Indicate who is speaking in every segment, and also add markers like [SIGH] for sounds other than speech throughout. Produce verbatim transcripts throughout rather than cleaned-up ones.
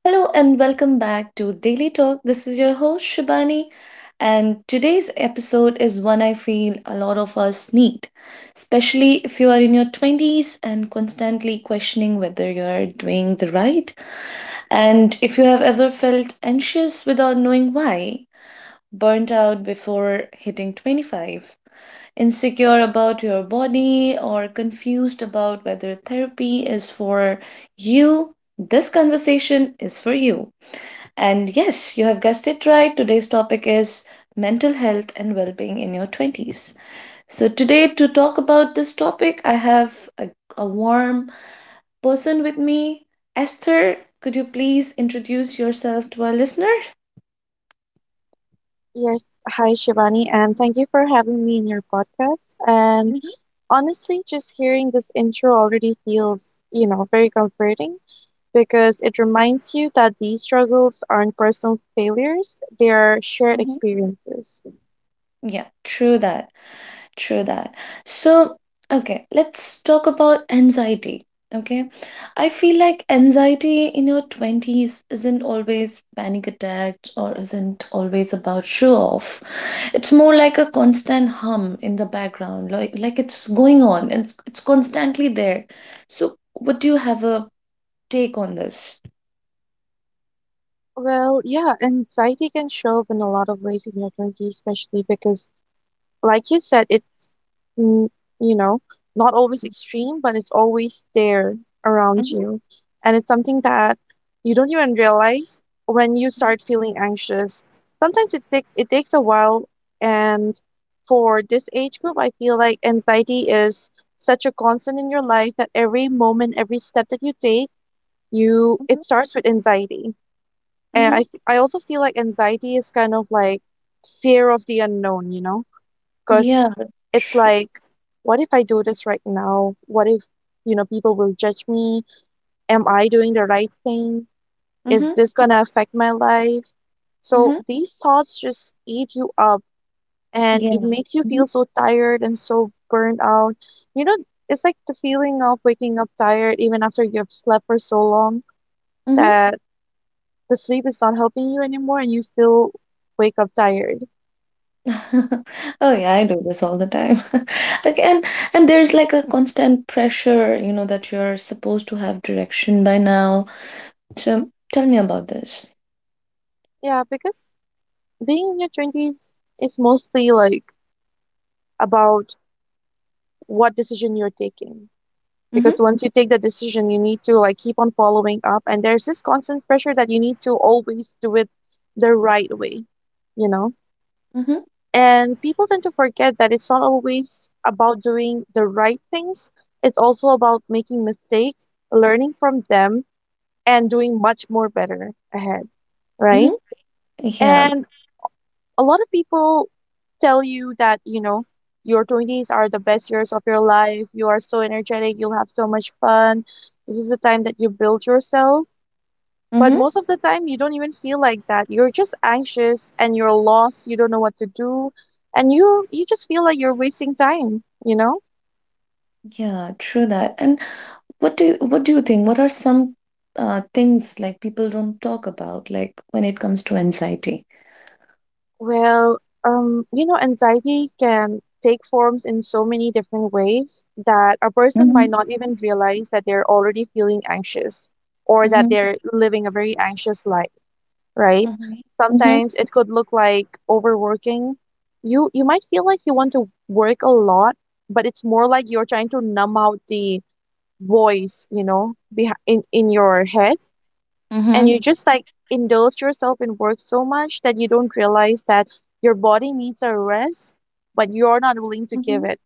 Speaker 1: Hello and welcome back to Daily Talk. This is your host Shibani, and today's episode is one I feel a lot of us need, especially if you are in your twenties and constantly questioning whether you're doing the right. And if you have ever felt anxious without knowing why, burnt out before hitting twenty-five, insecure about your body, or confused about whether therapy is for you, this conversation is for you. And yes, you have guessed it right. Today's topic is mental health and well being in your twenties. So, today, to talk about this topic, I have a, a warm person with me. Esther, could you please introduce yourself to our listener?
Speaker 2: Yes, hi Shivani, and thank you for having me in your podcast. And
Speaker 1: Mhm,
Speaker 2: honestly, just hearing this intro already feels, you know, very comforting because it reminds you that these struggles aren't personal failures, they are shared
Speaker 1: mhm.
Speaker 2: experiences.
Speaker 1: Yeah, true that. True that. So, okay, let's talk about anxiety. Okay, I feel like anxiety in your twenties isn't always panic attacks or isn't always about show off. It's more like a constant hum in the background, like like it's going on and it's, it's constantly there. So, what do you have a take on this?
Speaker 2: Well, yeah, anxiety can show up in a lot of ways in your twenties, especially because like you said, it's, mm, you know, not always extreme, but it's always there around
Speaker 1: Mm-hmm.
Speaker 2: you. And it's something that you don't even realize when you start feeling anxious. Sometimes it, take, it takes a while. And for this age group, I feel like anxiety is such a constant in your life that every moment, every step that you take, you
Speaker 1: Mm-hmm.
Speaker 2: it starts with anxiety. And
Speaker 1: Mm-hmm.
Speaker 2: I, I also feel like anxiety is kind of like fear of the unknown, you know?
Speaker 1: Yeah,
Speaker 2: Because
Speaker 1: that's
Speaker 2: it's
Speaker 1: true.
Speaker 2: like, what if I do this right now? What if, you know, people will judge me? Am I doing the right thing? Is
Speaker 1: Mm-hmm.
Speaker 2: this gonna affect my life? So
Speaker 1: Mm-hmm.
Speaker 2: these thoughts just eat you up and it
Speaker 1: Yeah.
Speaker 2: makes you
Speaker 1: Mm-hmm.
Speaker 2: feel so tired and so burned out. You know, it's like the feeling of waking up tired even after you've slept for so long that the sleep is not helping you anymore and you still wake up tired.
Speaker 1: [LAUGHS] Oh yeah, I do this all the time. [LAUGHS] Like and and there's like a constant pressure, you know, that you're supposed to have direction by now. So tell me about this.
Speaker 2: Yeah, because being in your twenties is mostly like about what decision you're taking, because
Speaker 1: Mm-hmm.
Speaker 2: once you take the decision you need to like keep on following up, and there's this constant pressure that you need to always do it the right way, you know.
Speaker 1: Mm-hmm.
Speaker 2: And people tend to forget that it's not always about doing the right things, it's also about making mistakes, learning from them and doing much more better ahead, right?
Speaker 1: Mm-hmm. Yeah.
Speaker 2: And a lot of people tell you that, you know, your twenties are the best years of your life. You are so energetic. You'll have so much fun. This is the time that you build yourself. But
Speaker 1: Mm-hmm.
Speaker 2: most of the time, you don't even feel like that. You're just anxious and you're lost. You don't know what to do. And you, you just feel like you're wasting time, you know?
Speaker 1: Yeah, true that. And what do you, what do you think? What are some uh things like people don't talk about, like when it comes to anxiety?
Speaker 2: Well, um, you know, anxiety can take forms in so many different ways that a person might
Speaker 1: Mm-hmm.
Speaker 2: not even realize that they're already feeling anxious or that
Speaker 1: Mm-hmm.
Speaker 2: they're living a very anxious life, right?
Speaker 1: Mm-hmm. Mm-hmm.
Speaker 2: Sometimes it could look like overworking. You you might feel like you want to work a lot, but it's more like you're trying to numb out the voice, you know, behi- in in your head, and
Speaker 1: Mm-hmm.
Speaker 2: you just like indulge yourself in work so much that you don't realize that your body needs a rest, but you're not willing to
Speaker 1: mm-hmm.
Speaker 2: give it.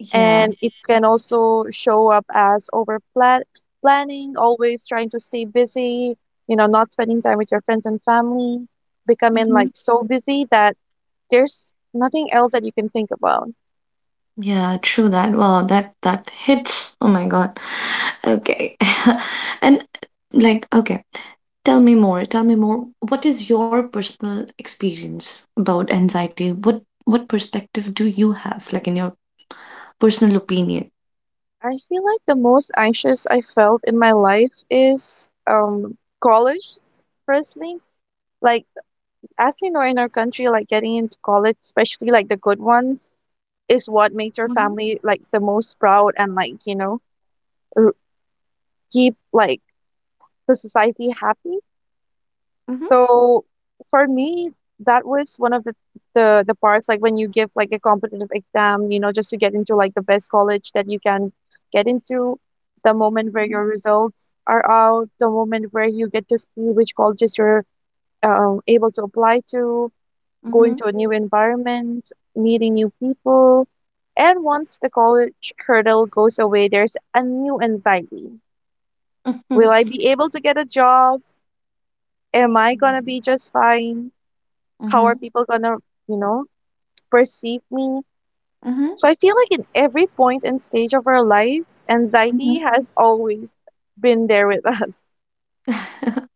Speaker 1: Yeah.
Speaker 2: And it can also show up as over plan- planning, always trying to stay busy, you know, not spending time with your friends and family, becoming
Speaker 1: mm-hmm.
Speaker 2: like so busy that there's nothing else that you can think about.
Speaker 1: Yeah, true that. Wow, that that hits. Oh my God. Okay. [LAUGHS] And like, okay, tell me more. Tell me more. What is your personal experience about anxiety? What what perspective do you have, like in your personal opinion?
Speaker 2: I feel like the most anxious I felt in my life is um college, firstly. Like as you know, in our country, like getting into college, especially like the good ones, is what makes your
Speaker 1: Mm-hmm.
Speaker 2: family like the most proud and like, you know, r- keep like the society happy.
Speaker 1: Mm-hmm.
Speaker 2: So for me, that was one of the, the the parts, like when you give like a competitive exam, you know, just to get into like the best college that you can get into, the moment where
Speaker 1: Mm-hmm.
Speaker 2: your results are out, the moment where you get to see which colleges you're um, able to apply to, going
Speaker 1: Mm-hmm.
Speaker 2: to a new environment, meeting new people. And once the college hurdle goes away, there's a new anxiety. Will I be able to get a job? Am I going to be just fine? How are
Speaker 1: Mm-hmm.
Speaker 2: people going to, you know, perceive me? So I feel like in every point and stage of our life,
Speaker 1: Mm-hmm.
Speaker 2: anxiety has always been there with [LAUGHS] us.
Speaker 1: [LAUGHS]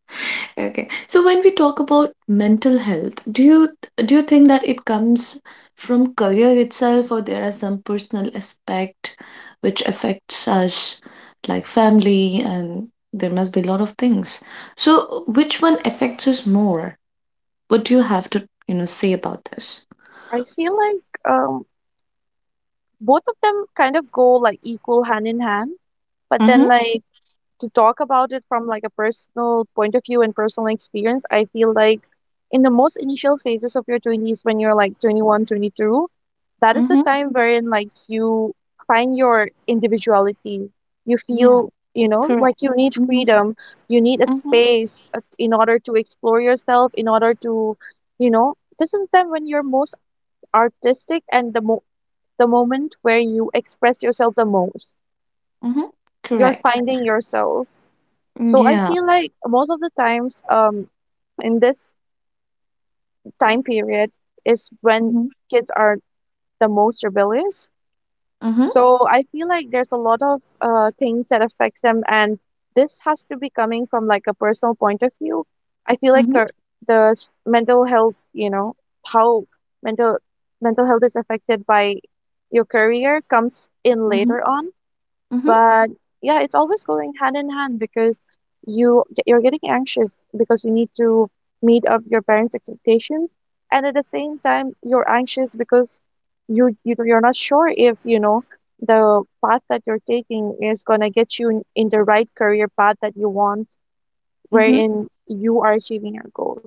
Speaker 1: Okay. So when we talk about mental health, do you do you think that it comes from career itself or there are some personal aspect which affects us like family and there must be a lot of things. So which one affects us more? What do you have to, you know, say about this?
Speaker 2: I feel like um, both of them kind of go like equal hand in hand, but then
Speaker 1: Mm-hmm.
Speaker 2: like to talk about it from like a personal point of view and personal experience, I feel like in the most initial phases of your twenties, when you're like twenty one, twenty, that is the
Speaker 1: Mm-hmm.
Speaker 2: time wherein like you find your individuality. You
Speaker 1: Yeah,
Speaker 2: feel, you know,
Speaker 1: correct.
Speaker 2: like you need
Speaker 1: Mm-hmm.
Speaker 2: freedom, you need a
Speaker 1: Mm-hmm.
Speaker 2: space uh, in order to explore yourself, in order to, you know, this is the time when you're most artistic, and the mo- the moment where you express yourself the most,
Speaker 1: Mm-hmm.
Speaker 2: you're
Speaker 1: Correct.
Speaker 2: finding yourself. So I
Speaker 1: Yeah.
Speaker 2: feel like most of the times um, in this time period is when
Speaker 1: Mm-hmm.
Speaker 2: kids are the most rebellious.
Speaker 1: Mm-hmm.
Speaker 2: So I feel like there's a lot of uh, things that affects them, and this has to be coming from like a personal point of view. I feel like
Speaker 1: Mm-hmm.
Speaker 2: uh, the s- mental health, you know, how mental mental health is affected by your career comes in later on.
Speaker 1: Mm-hmm.
Speaker 2: But yeah, it's always going hand in hand, because you you're getting anxious because you need to meet up your parents' expectations, and at the same time you're anxious because you, you you're not sure if you know the path that you're taking is gonna get you in, in the right career path that you want,
Speaker 1: Mm-hmm.
Speaker 2: wherein you are achieving your goals.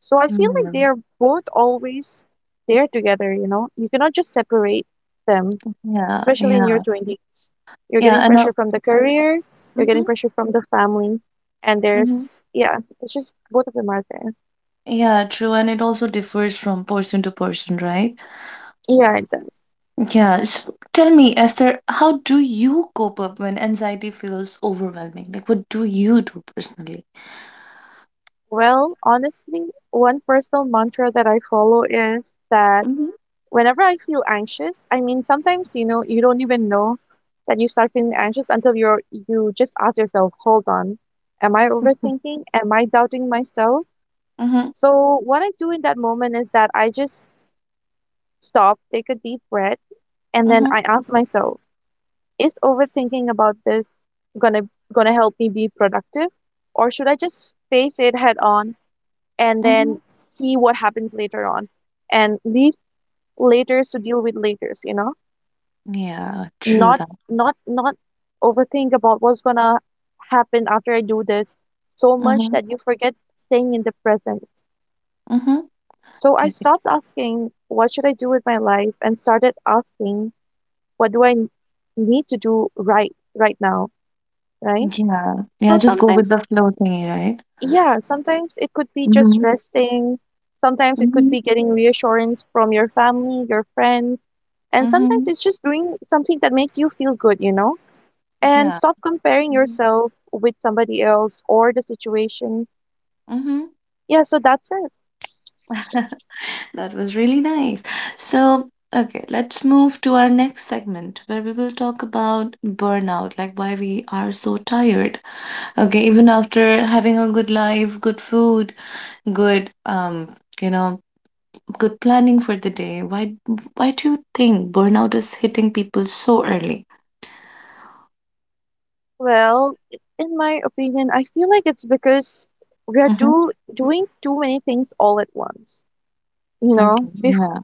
Speaker 2: So I feel like
Speaker 1: Mm-hmm.
Speaker 2: they are both always there together. You know, you cannot just separate them,
Speaker 1: Yeah.
Speaker 2: especially in your
Speaker 1: Yeah.
Speaker 2: twenties. You're
Speaker 1: Yeah,
Speaker 2: getting
Speaker 1: and uh,
Speaker 2: pressure from the career, you're getting
Speaker 1: mm-hmm,
Speaker 2: pressure from the family, and
Speaker 1: mm-hmm.
Speaker 2: there's, yeah, it's just both of them are there.
Speaker 1: Yeah, true, and it also differs from person to person, right?
Speaker 2: Yeah, it does.
Speaker 1: Yeah, so tell me, Esther, how do you cope up when anxiety feels overwhelming? Like, what do you do personally?
Speaker 2: Well, honestly, one personal mantra that I follow is that
Speaker 1: Mm-hmm,
Speaker 2: whenever I feel anxious, I mean, sometimes, you know, you don't even know that you start feeling anxious until you're, you just ask yourself, hold on, am I overthinking? Am I doubting myself?
Speaker 1: mm-hmm,
Speaker 2: So what I do in that moment is that I just stop, take a deep breath, and then
Speaker 1: mm-hmm,
Speaker 2: I ask myself, is overthinking about this going to going to help me be productive, or should I just face it head on and
Speaker 1: mm-hmm.
Speaker 2: then see what happens later on, and leave laters to deal with laters, you know?
Speaker 1: Yeah, true
Speaker 2: not
Speaker 1: that.
Speaker 2: not Not overthink about what's going to happen after I do this so much
Speaker 1: Mm-hmm,
Speaker 2: that you forget staying in the present.
Speaker 1: mm-hmm.
Speaker 2: So I
Speaker 1: Okay.
Speaker 2: stopped asking what should I do with my life, and started asking what do i n- need to do right right now, right?
Speaker 1: Yeah, yeah,
Speaker 2: So
Speaker 1: just go with the
Speaker 2: sometimes,
Speaker 1: flow thingy, right?
Speaker 2: yeah, sometimes it could be just
Speaker 1: Mm-hmm,
Speaker 2: resting. Sometimes it could
Speaker 1: mm-hmm,
Speaker 2: be getting reassurance from your family, your friends, and sometimes
Speaker 1: mm-hmm.
Speaker 2: it's just doing something that makes you feel good, you know? And
Speaker 1: Yeah.
Speaker 2: stop comparing
Speaker 1: Mm-hmm.
Speaker 2: yourself with somebody else or the situation.
Speaker 1: Mm-hmm.
Speaker 2: Yeah, so that's it.
Speaker 1: [LAUGHS] That was really nice. So, okay, let's move to our next segment where we will talk about burnout, like why we are so tired. Okay, even after having a good life, good food, good um, you know, good planning for the day, why why do you think burnout is hitting people so early?
Speaker 2: Well, in my opinion, I feel like it's because we are
Speaker 1: Mm-hmm.
Speaker 2: do doing too many things all at once. You
Speaker 1: Okay,
Speaker 2: know, Bef-
Speaker 1: yeah.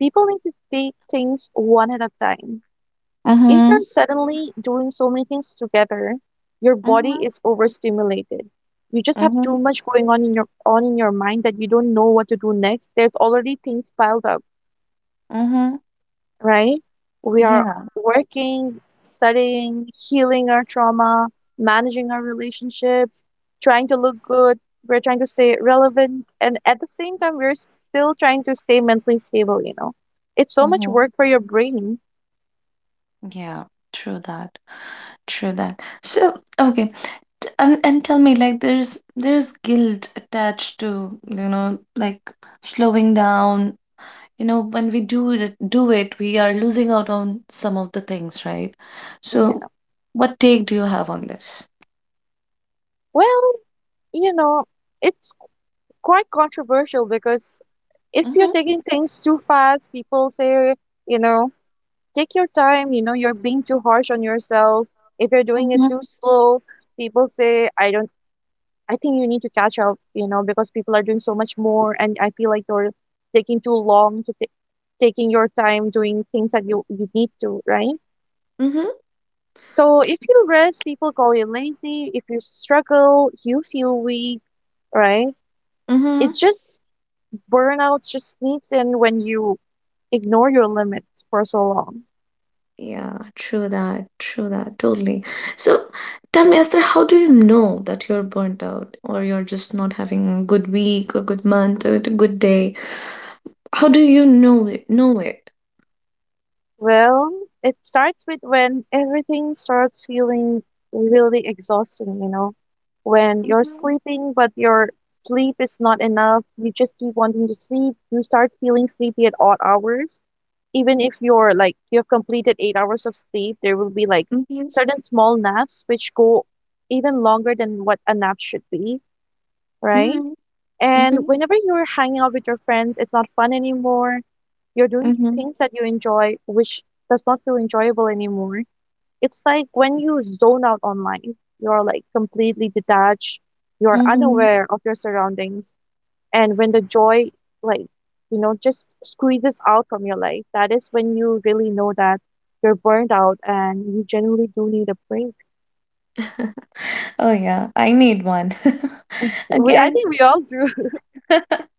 Speaker 2: people need to take things one at a time. If you're
Speaker 1: Mm-hmm.
Speaker 2: suddenly doing so many things together, your body
Speaker 1: Mm-hmm.
Speaker 2: is overstimulated. You just have too
Speaker 1: Mm-hmm.
Speaker 2: much going on in your on in your mind, that you don't know what to do next. There's already things piled up,
Speaker 1: Mm-hmm.
Speaker 2: right? We are
Speaker 1: Yeah.
Speaker 2: working, studying, healing our trauma, managing our relationships, trying to look good, we're trying to stay relevant, and at the same time we're still trying to stay mentally stable, you know. It's so much
Speaker 1: Mm-hmm.
Speaker 2: work for your brain.
Speaker 1: Yeah, true that. True that. So, okay. T- And, and tell me, like, there's there's guilt attached to, you know, like slowing down. You know, when we do it, do it, we are losing out on some of the things, right?
Speaker 2: Yeah.
Speaker 1: So, what take do you have on this?
Speaker 2: Well, you know, it's quite controversial, because if you're
Speaker 1: Mm-hmm,
Speaker 2: taking things too fast, people say, you know, take your time, you know, you're being too harsh on yourself. If you're doing it
Speaker 1: mm-hmm,
Speaker 2: too slow, people say, I don't, I think you need to catch up, you know, because people are doing so much more. And I feel like you're taking too long to ta- taking your time doing things that you, you need to, right?
Speaker 1: mm-hmm,
Speaker 2: So if you rest, people call you lazy. If you struggle, you feel weak, right? It's
Speaker 1: mm-hmm.
Speaker 2: just burnout just sneaks in when you ignore your limits for so long.
Speaker 1: Yeah, true that, true that, totally. So tell me, Esther, how do you know that you're burnt out or you're just not having a good week or good month or a good day? How do you know it? Know it?
Speaker 2: Well, it starts with when everything starts feeling really exhausting, you know, when you're
Speaker 1: Mhm,
Speaker 2: sleeping, but your sleep is not enough. You just keep wanting to sleep. You start feeling sleepy at odd hours. Even if you're like, you have completed eight hours of sleep, there will be like
Speaker 1: mhm,
Speaker 2: certain small naps which go even longer than what a nap should be, right?
Speaker 1: mhm,
Speaker 2: And
Speaker 1: mhm,
Speaker 2: whenever you're hanging out with your friends, it's not fun anymore. You're doing
Speaker 1: mhm,
Speaker 2: things that you enjoy, which does not feel enjoyable anymore. It's like when you zone out online, you're like completely detached, you're
Speaker 1: mhm.
Speaker 2: unaware of your surroundings. And when the joy, like, you know, just squeezes out from your life, that is when you really know that you're burned out and you genuinely do need a break.
Speaker 1: Oh yeah, I need one. [LAUGHS]
Speaker 2: We, I
Speaker 1: Again.
Speaker 2: think we all do.
Speaker 1: [LAUGHS]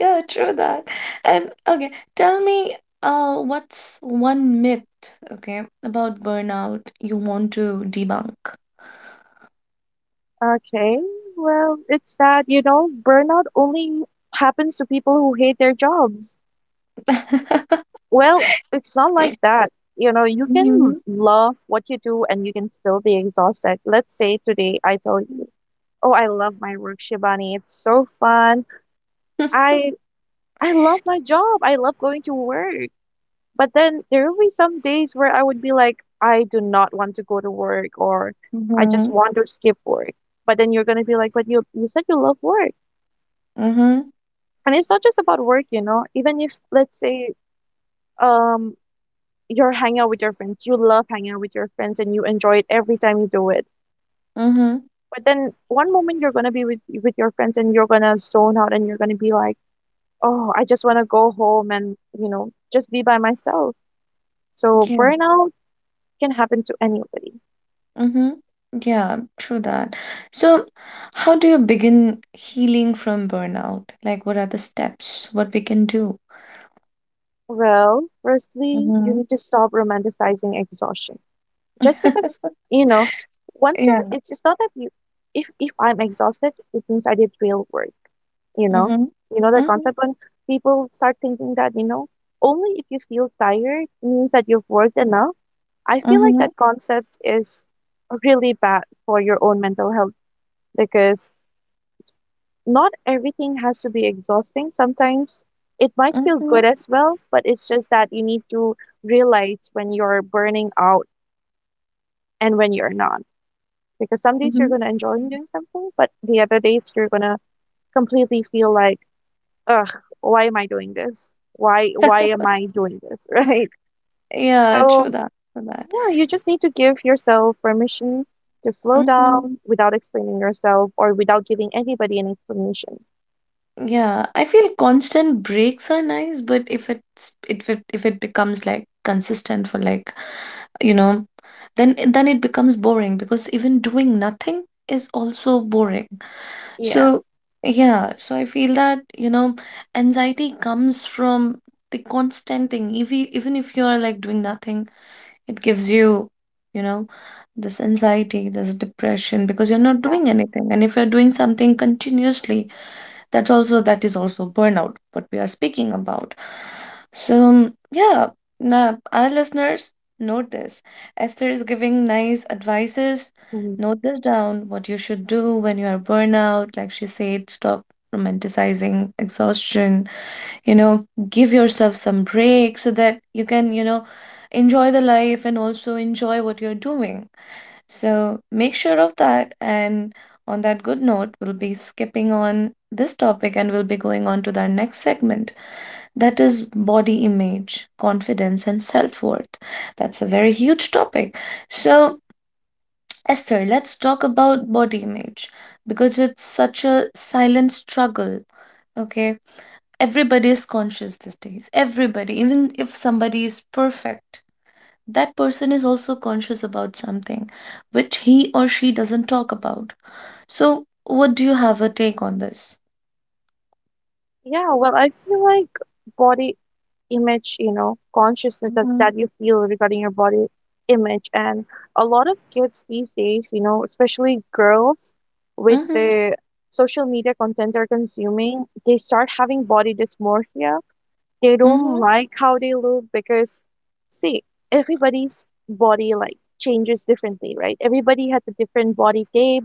Speaker 1: Yeah, true that. And okay, tell me uh what's one myth, okay, about burnout you want to debunk?
Speaker 2: Okay. Well, it's that, you know, burnout only happens to people who hate their jobs.
Speaker 1: [LAUGHS]
Speaker 2: Well, it's not like that. You know, you can
Speaker 1: Mhm.
Speaker 2: love what you do and you can still be exhausted. Let's say today I told you, "Oh, I love my work, Shivani. It's so fun. I I love my job. I love going to work." But then there will be some days where I would be like, "I do not want to go to work," or "I just
Speaker 1: Mhm.
Speaker 2: want to skip work." But then you're going to be like, "But you you said you love work."
Speaker 1: Mhm.
Speaker 2: And it's not just about work, you know even if, let's say, um you're hanging out with your friends. You love hanging out with your friends and you enjoy it every time you do it.
Speaker 1: Mhm.
Speaker 2: But then one moment you're going to be with with your friends and you're going to zone out and you're going to be like, "Oh, I just want to go home and, you know just be by myself." So burnout can happen to anybody.
Speaker 1: Mm-hmm. Yeah, true that. So, how do you begin healing from burnout? Like, what are the steps? What we can do?
Speaker 2: Well, firstly, you
Speaker 1: Mm-hmm.
Speaker 2: need to stop romanticizing exhaustion just because,
Speaker 1: [LAUGHS]
Speaker 2: you know once you're
Speaker 1: Yeah.
Speaker 2: it's, it's not that you, if if I'm exhausted it means I did real work. You know?
Speaker 1: Mm-hmm.
Speaker 2: You know the
Speaker 1: Mm-hmm.
Speaker 2: concept when people start thinking that, you know, only if you feel tired means that you've worked enough. I feel like
Speaker 1: Mm-hmm.
Speaker 2: that concept is really bad for your own mental health because not everything has to be exhausting. Sometimes it might feel
Speaker 1: Mm-hmm.
Speaker 2: good as well, but it's just that you need to realize when you're burning out and when you're not. Because some days you're
Speaker 1: Mm-hmm.
Speaker 2: going to enjoy doing something, but the other days you're going to completely feel like, ugh, why am I doing this? Why why am I doing this? [LAUGHS] Right?
Speaker 1: Yeah, true
Speaker 2: So,
Speaker 1: that. True that.
Speaker 2: yeah, you just need to give yourself permission to slow
Speaker 1: Mm-hmm.
Speaker 2: down without explaining yourself or without giving anybody an explanation.
Speaker 1: Yeah, I feel constant breaks are nice, but if it's if it if it becomes like consistent for like you know, then then it becomes boring because even doing nothing is also boring.
Speaker 2: Yeah.
Speaker 1: So, yeah, so I feel that, you know, anxiety comes from the constant thing. If you, even if you're like doing nothing, it gives you, you know, this anxiety, this depression because you're not
Speaker 2: Yeah.
Speaker 1: doing anything. And if you're doing something continuously, that's also that is also burnout what we are speaking about. So yeah, now our listeners note this, Esther is giving nice advices,
Speaker 2: Mhm.
Speaker 1: note this down what you should do when you are burnout. Like she said, stop romanticizing exhaustion, you know, give yourself some break so that you can, you know, enjoy the life and also enjoy what you're doing, so make sure of that. And on that good note, we'll be skipping on this topic and we'll be going on to the next segment that is body image, confidence, and self worth. That's a very huge topic. So, Esther, let's talk about body image because it's such a silent struggle. Okay, everybody is conscious these days. Everybody, even if somebody is perfect, that person is also conscious about something which he or she doesn't talk about. So, what do you have a take on this?
Speaker 2: Yeah, well, I feel like body image, you know, consciousness that,
Speaker 1: Mm-hmm.
Speaker 2: that you feel regarding your body image. And a lot of kids these days, you know, especially girls with
Speaker 1: Mm-hmm.
Speaker 2: the social media content they're consuming, they start having body dysmorphia. They don't
Speaker 1: Mm-hmm.
Speaker 2: like how they look because, see, everybody's body like changes differently, right? Everybody has a different body type,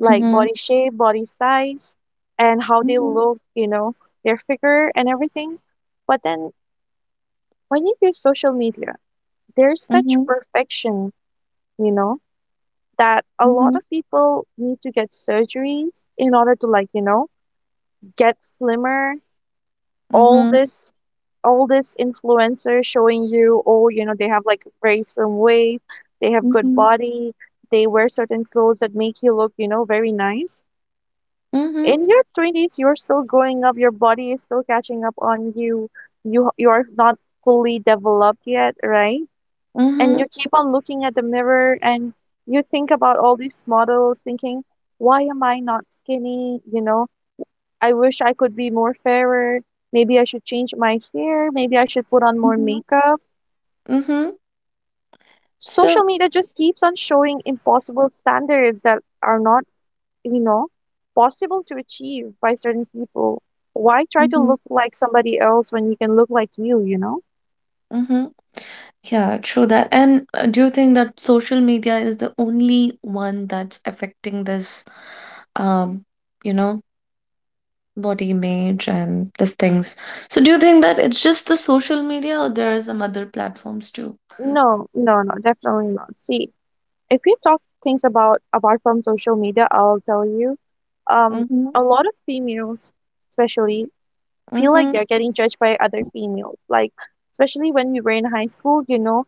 Speaker 2: like
Speaker 1: Mm-hmm.
Speaker 2: body shape, body size, and how they
Speaker 1: Mm-hmm.
Speaker 2: look, you know, their figure and everything. But then when you use social media, there's such
Speaker 1: Mm-hmm.
Speaker 2: perfection, you know, that a lot
Speaker 1: Mm-hmm.
Speaker 2: of people need to get surgeries in order to, like, you know, get slimmer. All
Speaker 1: Mm-hmm.
Speaker 2: this all this influencer showing you, oh, you know, they have, like, very some waist, they have good
Speaker 1: Mm-hmm.
Speaker 2: body, they wear certain clothes that make you look, you know, very nice.
Speaker 1: Mm-hmm.
Speaker 2: In your twenties, you're still growing up, your body is still catching up on you. You you are not fully developed yet, right? And
Speaker 1: Mm-hmm.
Speaker 2: you keep on looking at the mirror and you think about all these models, thinking, why am I not skinny, you know I wish I could be more fairer, maybe I should change my hair, maybe I should put on more
Speaker 1: Mm-hmm.
Speaker 2: makeup.
Speaker 1: Mm-hmm.
Speaker 2: Social
Speaker 1: So,
Speaker 2: media just keeps on showing impossible standards that are not, you know possible to achieve by certain people. Why try to
Speaker 1: mm-hmm.
Speaker 2: look like somebody else when you can look like you you know
Speaker 1: Mm-hmm. Yeah, true that. And uh, do you think that social media is the only one that's affecting this, um, you know, body image and these things? So do you think that it's just the social media or there are some other platforms too?
Speaker 2: No, no, no, definitely not. See, if you talk things about apart from social media, I'll tell you, um,
Speaker 1: Mm-hmm.
Speaker 2: a lot of females, especially, feel like
Speaker 1: Mm-hmm.
Speaker 2: they're getting judged by other females. Like, especially when you were in high school, you know,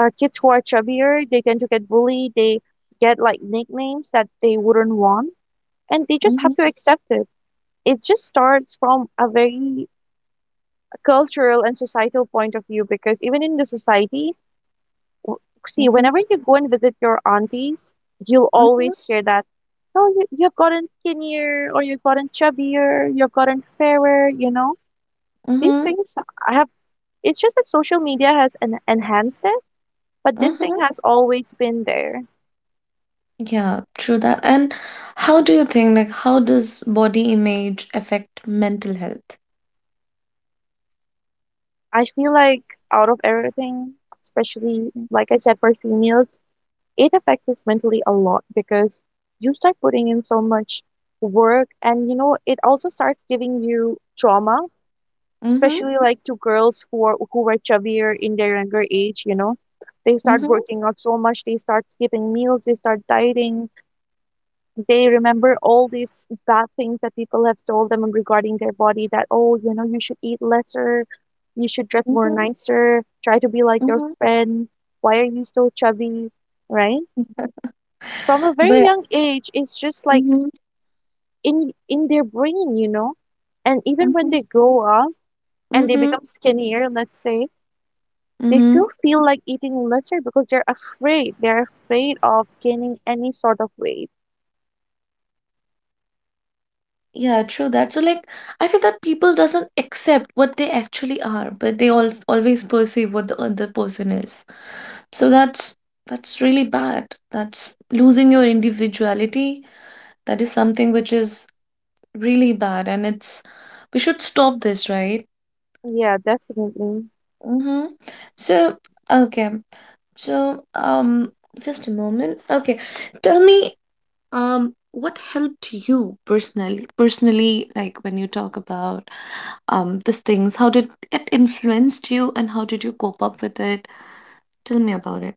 Speaker 2: uh, kids who are chubbier, they tend to get bullied. They get, like, nicknames that they wouldn't want, and they just
Speaker 1: Mm-hmm.
Speaker 2: have to accept it. It just starts from a very cultural and societal point of view because even in the society, w- see,
Speaker 1: Mm-hmm.
Speaker 2: whenever you go and visit your aunties, you'll
Speaker 1: Mm-hmm.
Speaker 2: always hear that, oh, you, you've gotten skinnier or you've gotten chubbier, you've gotten fairer, you know? These
Speaker 1: Mm-hmm.
Speaker 2: things I have, it's just that social media has en- enhanced it, but this thing
Speaker 1: Mm-hmm.
Speaker 2: has always been there.
Speaker 1: Yeah, true that. And how do you think, like, how does body image affect mental health?
Speaker 2: I feel like out of everything, especially,
Speaker 1: Mm-hmm.
Speaker 2: like I said, for females, it affects us mentally a lot because you start putting in so much work and, you know it also starts giving you trauma,
Speaker 1: Mm-hmm.
Speaker 2: especially, like, to girls who are who were chubbier in their younger age. You know. They start
Speaker 1: Mm-hmm.
Speaker 2: working out so much, they start skipping meals, they start dieting, they remember all these bad things that people have told them regarding their body, that, oh, you know, you should eat lesser, you should dress more nicer, try to be like your
Speaker 1: Mm-hmm.
Speaker 2: friend, why are you so chubby, right? From a very
Speaker 1: But
Speaker 2: young age, it's just like
Speaker 1: mm-hmm.
Speaker 2: in in their brain, you know. And even when
Speaker 1: Mm-hmm.
Speaker 2: they grow up and they become skinnier, let's say, they
Speaker 1: Mm-hmm.
Speaker 2: still feel like eating lesser because they're afraid. They're afraid of gaining any sort of weight.
Speaker 1: Yeah, true that. So like I feel that people doesn't accept what they actually are, but they all always perceive what the other person is. So that's that's really bad. That's losing your individuality. That is something which is really bad and it's we should stop this, right?
Speaker 2: Yeah, definitely.
Speaker 1: Mm-hmm. So okay. So um just a moment. Okay. Tell me, Um, what helped you personally, personally, like when you talk about um these things, how did it influenced you and how did you cope up with it? Tell me about it.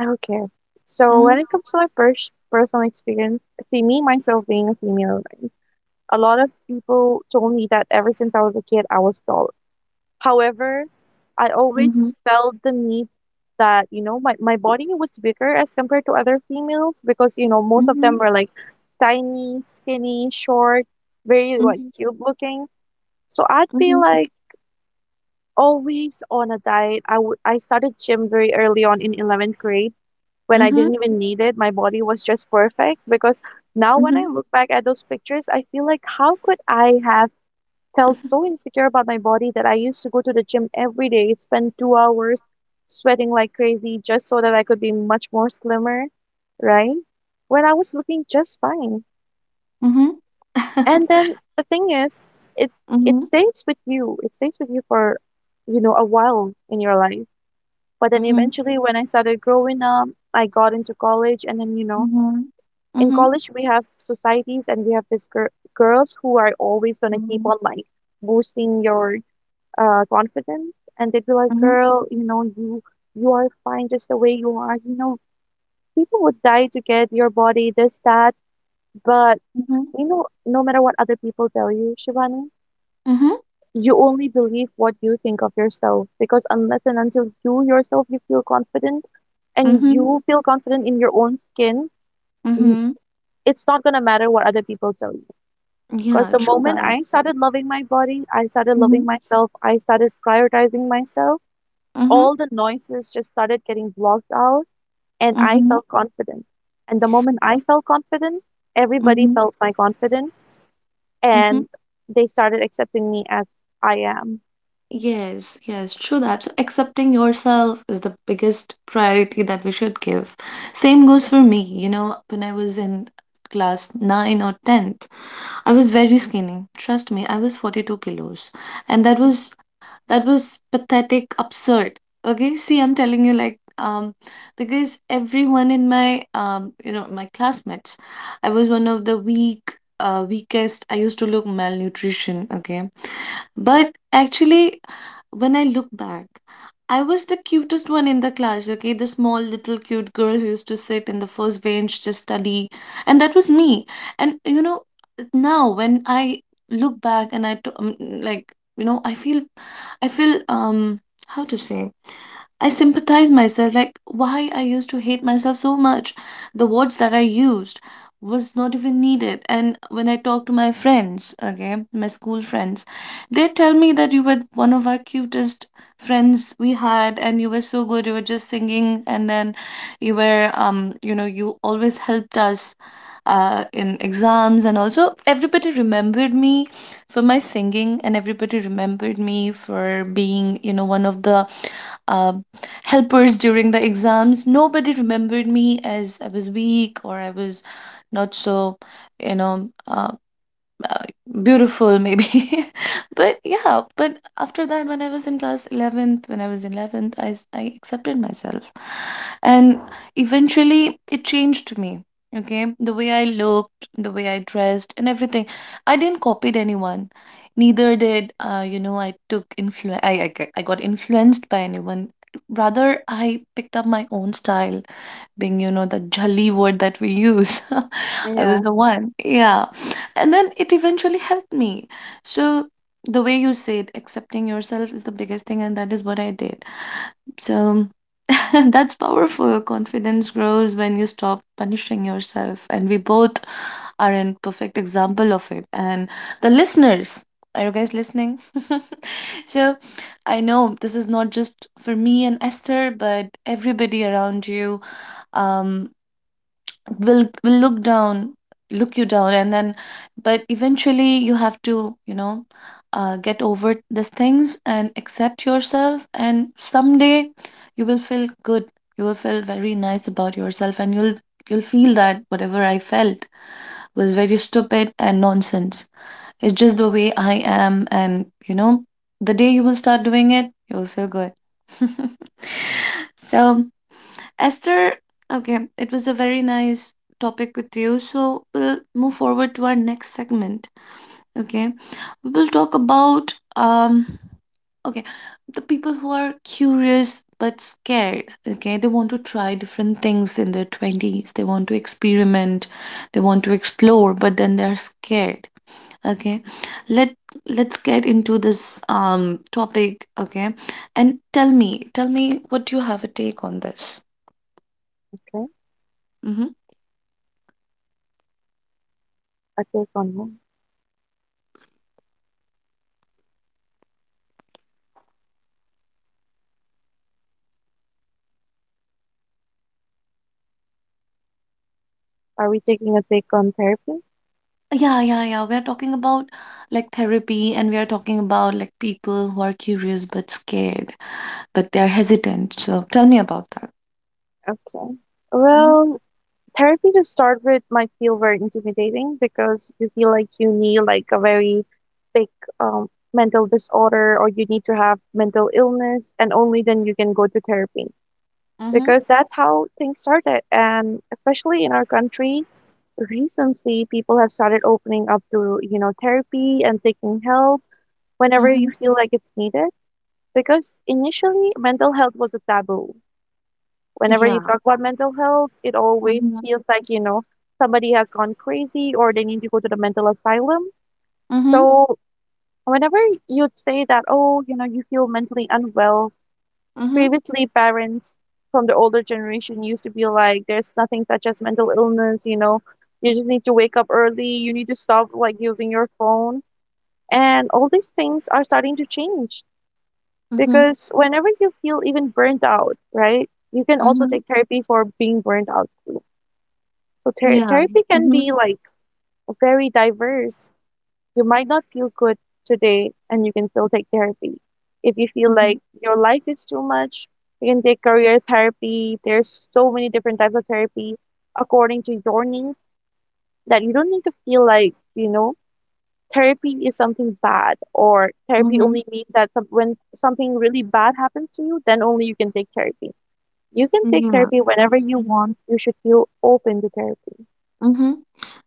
Speaker 2: Okay. So
Speaker 1: Mm-hmm.
Speaker 2: when it comes to my pers- personal experience, see, me myself being a female, right, a lot of people told me that ever since I was a kid, I was tall. However, I
Speaker 1: Mm-hmm.
Speaker 2: always felt the need that, you know, my, my body was bigger as compared to other females because, you know, most of them
Speaker 1: Mm-hmm.
Speaker 2: were, like, tiny, skinny, short, very, like,
Speaker 1: Mm-hmm.
Speaker 2: cute looking. So I
Speaker 1: Mm-hmm.
Speaker 2: feel like always on a diet. I w- I started gym very early on in eleventh grade when I didn't even need it. My body was just perfect because now when I
Speaker 1: Mm-hmm.
Speaker 2: look back at those pictures, I feel like how could I have felt so insecure about my body that I used to go to the gym every day, spend two hours sweating like crazy just so that I could be much more slimmer, right? When I was looking just fine.
Speaker 1: Mm-hmm.
Speaker 2: And
Speaker 1: [LAUGHS]
Speaker 2: then the thing is, it it
Speaker 1: Mm-hmm.
Speaker 2: stays with you. It stays with you for, you know, a while in your life. But then
Speaker 1: Mm-hmm.
Speaker 2: eventually, when I started growing up, I got into college, and then you know,
Speaker 1: Mm-hmm.
Speaker 2: in
Speaker 1: Mm-hmm.
Speaker 2: college we have societies and we have these gir girls who are always gonna keep
Speaker 1: Mm-hmm.
Speaker 2: on, like, boosting your uh confidence, and they'd be like, "Girl, you know, you you are fine just the way you are. You know, people would die to get your body, this, that, but."
Speaker 1: Mm-hmm.
Speaker 2: You know, no matter what other people tell you, Shivani,
Speaker 1: Mm-hmm.
Speaker 2: you only believe what you think of yourself because unless and until you yourself, you feel confident and
Speaker 1: Mm-hmm.
Speaker 2: you feel confident in your own skin, n-
Speaker 1: Mm-hmm.
Speaker 2: it's not going to matter what other people tell you. Because
Speaker 1: Yeah,
Speaker 2: the
Speaker 1: true
Speaker 2: moment
Speaker 1: that.
Speaker 2: I started loving my body, I started
Speaker 1: Mm-hmm.
Speaker 2: loving myself, I started prioritizing myself,
Speaker 1: Mm-hmm.
Speaker 2: all the noises just started getting blocked out and I
Speaker 1: Mm-hmm.
Speaker 2: felt confident. And the moment I felt confident, everybody felt my confidence
Speaker 1: Mm-hmm.
Speaker 2: and they started accepting me as I am.
Speaker 1: Yes, yes, true that. So accepting yourself is the biggest priority that we should give. Same goes for me. You know, when I was in class nine or tenth, I was very skinny. Trust me, I was forty-two kilos. And that was that was pathetic, absurd. Okay, see, I'm telling you, like, um because everyone in my, um you know, my classmates, I was one of the weak, uh, weakest. I used to look malnutrition. Okay, but actually when I look back, I was the cutest one in the class. Okay, the small little cute girl who used to sit in the first bench, just study, and that was me. And you know, now when I look back and I t- um, like, you know, I feel I feel um how to say, I sympathize myself, like why I used to hate myself so much. The words that I used was not even needed. And when I talk to my friends, okay, my school friends, they tell me that you were one of our cutest friends we had and you were so good. You were just singing, and then you were um you know you always helped us uh in exams. And also, everybody remembered me for my singing, and everybody remembered me for being you know one of the uh, helpers during the exams. Nobody remembered me as I was weak or I was not so you know uh, uh, beautiful maybe [LAUGHS] but yeah, but after that, when I was in class eleventh, when I was in eleventh, i, s- I accepted myself, and eventually it changed me. Okay, the way I looked, the way I dressed, and everything, I didn't copied anyone, neither did uh, you know I took influ- I, I g- I got influenced by anyone. Rather, I picked up my own style, being you know the jali word that we use [LAUGHS] I was
Speaker 2: Yeah.
Speaker 1: the one, yeah, and then it eventually helped me. So the way you said, accepting yourself is the biggest thing, and that is what I did. So [LAUGHS] that's powerful. Confidence grows when you stop punishing yourself, and we both are in perfect example of it. And the listeners, are you guys listening? [LAUGHS] So I know this is not just for me and Esther, but everybody around you um will will look down look you down, and then, but eventually, you have to you know uh, get over these things and accept yourself, and someday you will feel good, you will feel very nice about yourself, and you'll you'll feel that whatever I felt was very stupid and nonsense. It's just the way I am, and you know the day you will start doing it, you will feel good. [LAUGHS] So Esther, okay, it was a very nice topic with you. So we'll move forward to our next segment. Okay, we will talk about um, okay, the people who are curious but scared. Okay, they want to try different things in their twenties. They want to experiment. They want to explore, but then they're scared. Okay, let let's get into this um topic. Okay, and tell me, tell me what you have a take on this.
Speaker 2: Okay.
Speaker 1: Mm-hmm.
Speaker 2: A take on what? Are we taking a take on therapy?
Speaker 1: Yeah, yeah, yeah. We're talking about like therapy, and we are talking about like people who are curious but scared, but they're hesitant. So tell me about that.
Speaker 2: Okay.
Speaker 1: Mm-hmm.
Speaker 2: Well, therapy to start with might feel very intimidating because you feel like you need, like, a very big um, mental disorder or you need to have mental illness and only then you can go to therapy
Speaker 1: Mm-hmm.
Speaker 2: because that's how things started, and especially in our country recently people have started opening up to, you know therapy, and taking help whenever
Speaker 1: Mm-hmm.
Speaker 2: you feel like it's needed, because initially mental health was a taboo. Whenever you
Speaker 1: Yeah.
Speaker 2: talk about mental health, it always
Speaker 1: Mm-hmm.
Speaker 2: feels like, you know, somebody has gone crazy or they need to go to the mental asylum.
Speaker 1: Mm-hmm.
Speaker 2: So whenever you say that, oh, you know, you feel mentally unwell,
Speaker 1: Mm-hmm.
Speaker 2: previously parents from the older generation used to be like, there's nothing such as mental illness, you know, you just need to wake up early, you need to stop, like, using your phone. And all these things are starting to change,
Speaker 1: Mm-hmm.
Speaker 2: because whenever you feel even burnt out, right? You can also
Speaker 1: Mm-hmm.
Speaker 2: take therapy for being burnt out. So ther
Speaker 1: Yeah.
Speaker 2: therapy can
Speaker 1: Mm-hmm.
Speaker 2: be, like, very diverse. You might not feel good today and you can still take therapy. If you feel
Speaker 1: Mm-hmm.
Speaker 2: like your life is too much, you can take career therapy. There's so many different types of therapy according to your needs that you don't need to feel like, you know, therapy is something bad or therapy
Speaker 1: Mm-hmm.
Speaker 2: only means that some, when something really bad happens to you, then only you can take therapy. You can take therapy whenever you
Speaker 1: Yeah.
Speaker 2: want. You should feel open to therapy.
Speaker 1: Mm-hmm.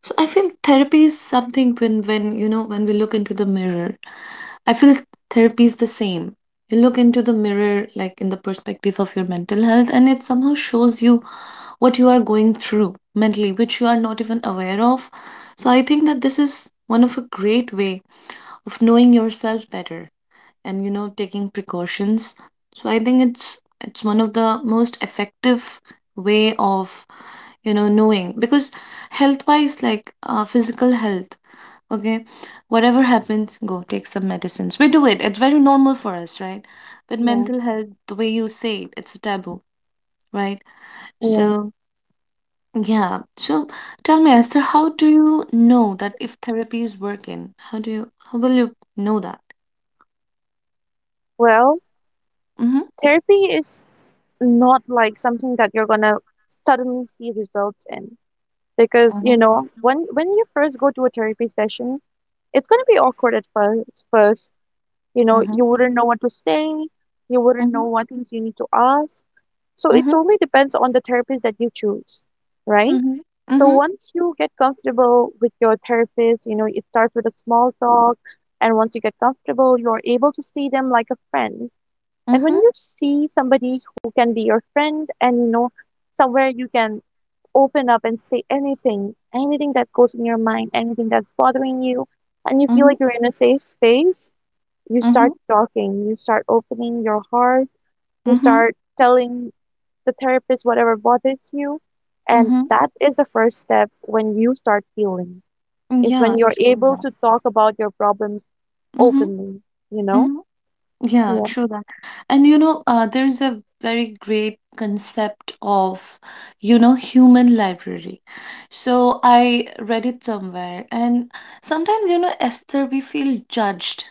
Speaker 1: So I feel therapy is something when when you know when we look into the mirror. I feel therapy is the same. You look into the mirror like in the perspective of your mental health, and it somehow shows you what you are going through mentally, which you are not even aware of. So I think that this is one of a great way of knowing yourself better and you know taking precautions. So I think it's it's one of the most effective way of you know knowing, because health wise, like uh, physical health, okay, whatever happens, go take some medicines, we do it, it's very normal for us, right? But
Speaker 2: Yeah,
Speaker 1: mental health, the way you say it, it's a taboo, right?
Speaker 2: yeah.
Speaker 1: So yeah, so tell me, Esther, how do you know that if therapy is working, how do you how will you know that?
Speaker 2: Well,
Speaker 1: Mm-hmm,
Speaker 2: therapy is not like something that you're gonna suddenly see results in, because,
Speaker 1: mm-hmm,
Speaker 2: you know when when you first go to a therapy session, it's gonna be awkward at first. First, you know,
Speaker 1: mm-hmm,
Speaker 2: you wouldn't know what to say, you wouldn't know what things you need to ask. So it
Speaker 1: mhm,
Speaker 2: totally depends on the therapist that you choose, right?
Speaker 1: mhm,
Speaker 2: So
Speaker 1: mhm,
Speaker 2: once you get comfortable with your therapist, you know, it starts with a small talk, and once you get comfortable, you're able to see them like a friend, and when
Speaker 1: mhm,
Speaker 2: you see somebody who can be your friend and, you know somewhere you can open up and say anything, anything that goes in your mind, anything that's bothering you, and you feel
Speaker 1: mhm,
Speaker 2: like you're in a safe space, you
Speaker 1: mhm,
Speaker 2: start talking, you start opening your heart, you
Speaker 1: mhm,
Speaker 2: start telling the therapist whatever bothers you, and
Speaker 1: mhm.
Speaker 2: that is the first step when you start healing. Is when
Speaker 1: Ya,
Speaker 2: you're able
Speaker 1: bismillah.
Speaker 2: to talk about your problems
Speaker 1: Mhm,
Speaker 2: openly, you know?
Speaker 1: mhm. Yeah,
Speaker 2: Yeah.
Speaker 1: true that. And you know, uh, there's a very great concept of, you know, human library. So I read it somewhere, and sometimes, you know, Esther, we feel judged,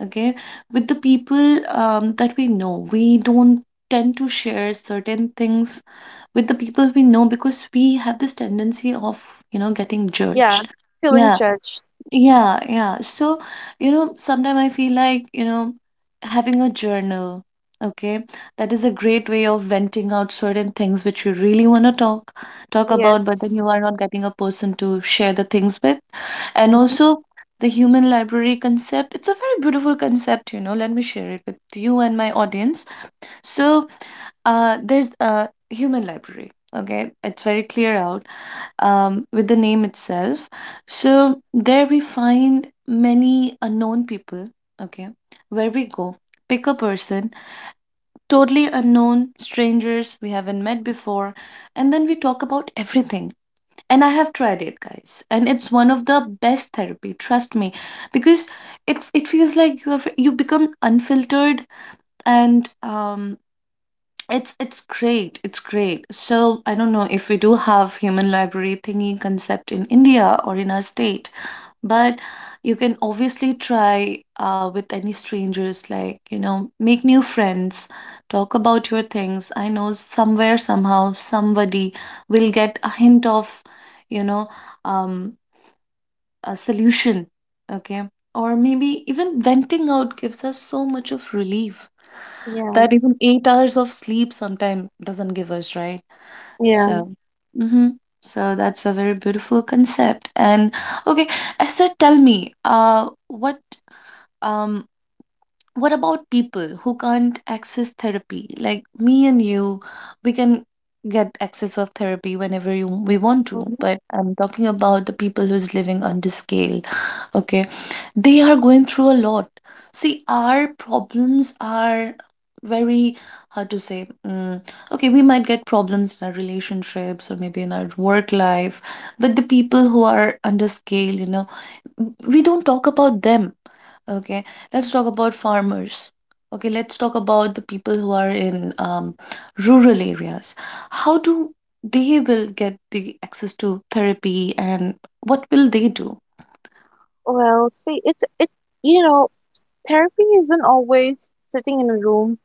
Speaker 1: okay, with the people um, that we know. We don't tend to share certain things with the people we know because we have this tendency of, you know, getting
Speaker 2: Yeah.
Speaker 1: judged.
Speaker 2: Feeling
Speaker 1: Yeah,
Speaker 2: judged.
Speaker 1: yeah, yeah. So, you know, sometimes I feel like, you know, having a journal, okay, that is a great way of venting out certain things which you really want to talk talk about, but then
Speaker 2: Yes.
Speaker 1: you are not getting a person to share the things with. And
Speaker 2: Mhm.
Speaker 1: also the human library concept, it's a very beautiful concept, you know. Let me share it with you and my audience. So, uh, there's a human library. Okay, it's very clear out um, with the name itself. So there we find many unknown people, okay, where we go, pick a person, totally unknown, strangers we haven't met before, and then we talk about everything. And I have tried it, guys, and it's one of the best therapy, trust me, because it it feels like you have you become unfiltered, and um it's it's great. It's great. So I don't know if we do have human library thingy concept in India or in our state, but you can obviously try uh, with any strangers, like, you know, make new friends, talk about your things. I know somewhere somehow somebody will get a hint of, you know, um, a solution. Okay, or maybe even venting out gives us so much of relief
Speaker 2: Yeah,
Speaker 1: that even eight hours of sleep sometimes doesn't give us, right?
Speaker 2: yeah.
Speaker 1: So, mhm. So that's a very beautiful concept. And okay, Esther, tell me, uh, what um what about people who can't access therapy, like me and you? We can get access of therapy whenever you, we want to,
Speaker 2: Mhm.
Speaker 1: but I'm talking about the people who's living on this scale. Okay, they are going through a lot. See, our problems are very, how to say, mm, okay, we might get problems in our relationships or maybe in our work life, but the people who are under scale, you know we don't talk about them. Okay, let's talk about farmers. Okay, let's talk about the people who are in um, rural areas. How do they will get the access to therapy, and what will they do?
Speaker 2: Well, see, it's it you know, therapy isn't always sitting in a room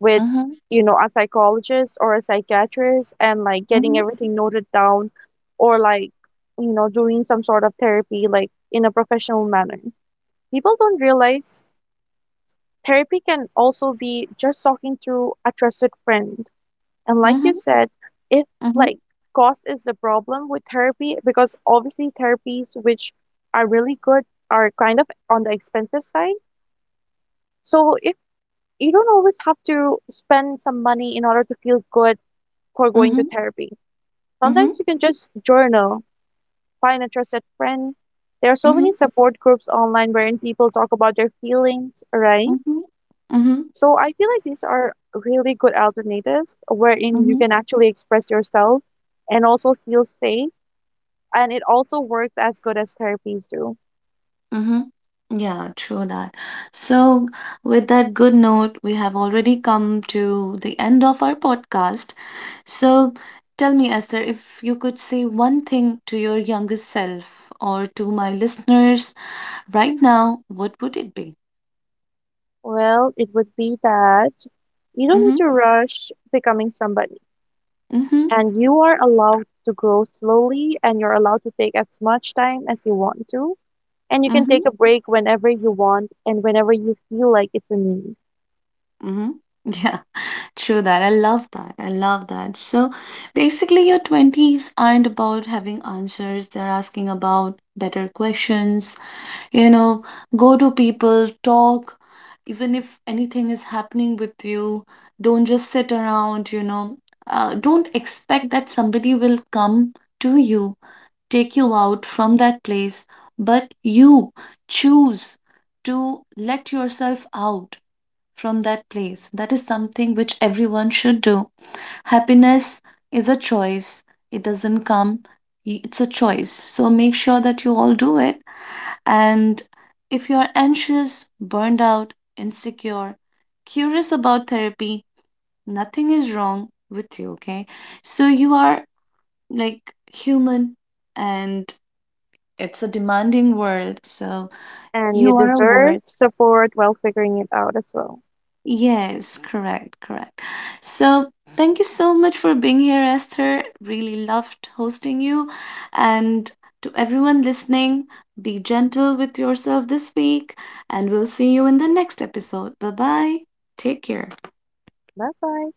Speaker 2: with,
Speaker 1: Mm-hmm,
Speaker 2: you know, a psychologist or a psychiatrist and, like, getting
Speaker 1: mm-hmm,
Speaker 2: everything noted down or, like, you know, doing some sort of therapy, like, in a professional manner. People don't realize therapy can also be just talking to a trusted friend. And like you
Speaker 1: mm-hmm,
Speaker 2: said, if,
Speaker 1: mm-hmm,
Speaker 2: like, cost is the problem with therapy, because obviously therapies which are really good are kind of on the expensive side. So if you don't always have to spend some money in order to feel good for going
Speaker 1: mm-hmm,
Speaker 2: to therapy. Sometimes
Speaker 1: mm-hmm,
Speaker 2: you can just journal, find a trusted friend. There are so many
Speaker 1: mm-hmm,
Speaker 2: support groups online wherein people talk about their feelings, right?
Speaker 1: mm-hmm,
Speaker 2: So I feel like these are really good alternatives wherein you
Speaker 1: mm-hmm,
Speaker 2: can actually express yourself and also feel safe. And it also works as good as therapies do.
Speaker 1: mm-hmm. Yeah, true that. So, with that good note, we have already come to the end of our podcast. So, tell me, Esther, if you could say one thing to your youngest self or to my listeners right now, what would it be?
Speaker 2: Well, it would be that you don't need
Speaker 1: Mm-hmm.
Speaker 2: to rush becoming somebody,
Speaker 1: Mm-hmm.
Speaker 2: and you are allowed to grow slowly, and you're allowed to take as much time as you want to. And you can
Speaker 1: Mm-hmm.
Speaker 2: take a break whenever you want and whenever you feel like it's a need.
Speaker 1: Mm-hmm. [LAUGHS] Yeah, true that. I love that. I love that. So, basically, your twenties aren't about having answers, they're asking about better questions, you know go to people, talk, even if anything is happening with you, don't just sit around, you know uh, don't expect that somebody will come to you, take you out from that place, but you choose to let yourself out from that place. That is something which everyone should do. Happiness is a choice, it doesn't come, it's a choice. So make sure that you all do it. And if you're anxious, burned out, insecure, curious about therapy, nothing is wrong with you. Okay, so you are like human, and it's a demanding world, so
Speaker 2: And you
Speaker 1: you are a
Speaker 2: deserve
Speaker 1: worth.
Speaker 2: support while figuring it out as well.
Speaker 1: Yes, correct, correct. So, thank you so much for being here, Esther. Really loved hosting you. And to everyone listening, be gentle with yourself this week, and we'll see you in the next episode. Bye bye. Take care.
Speaker 2: Bye bye.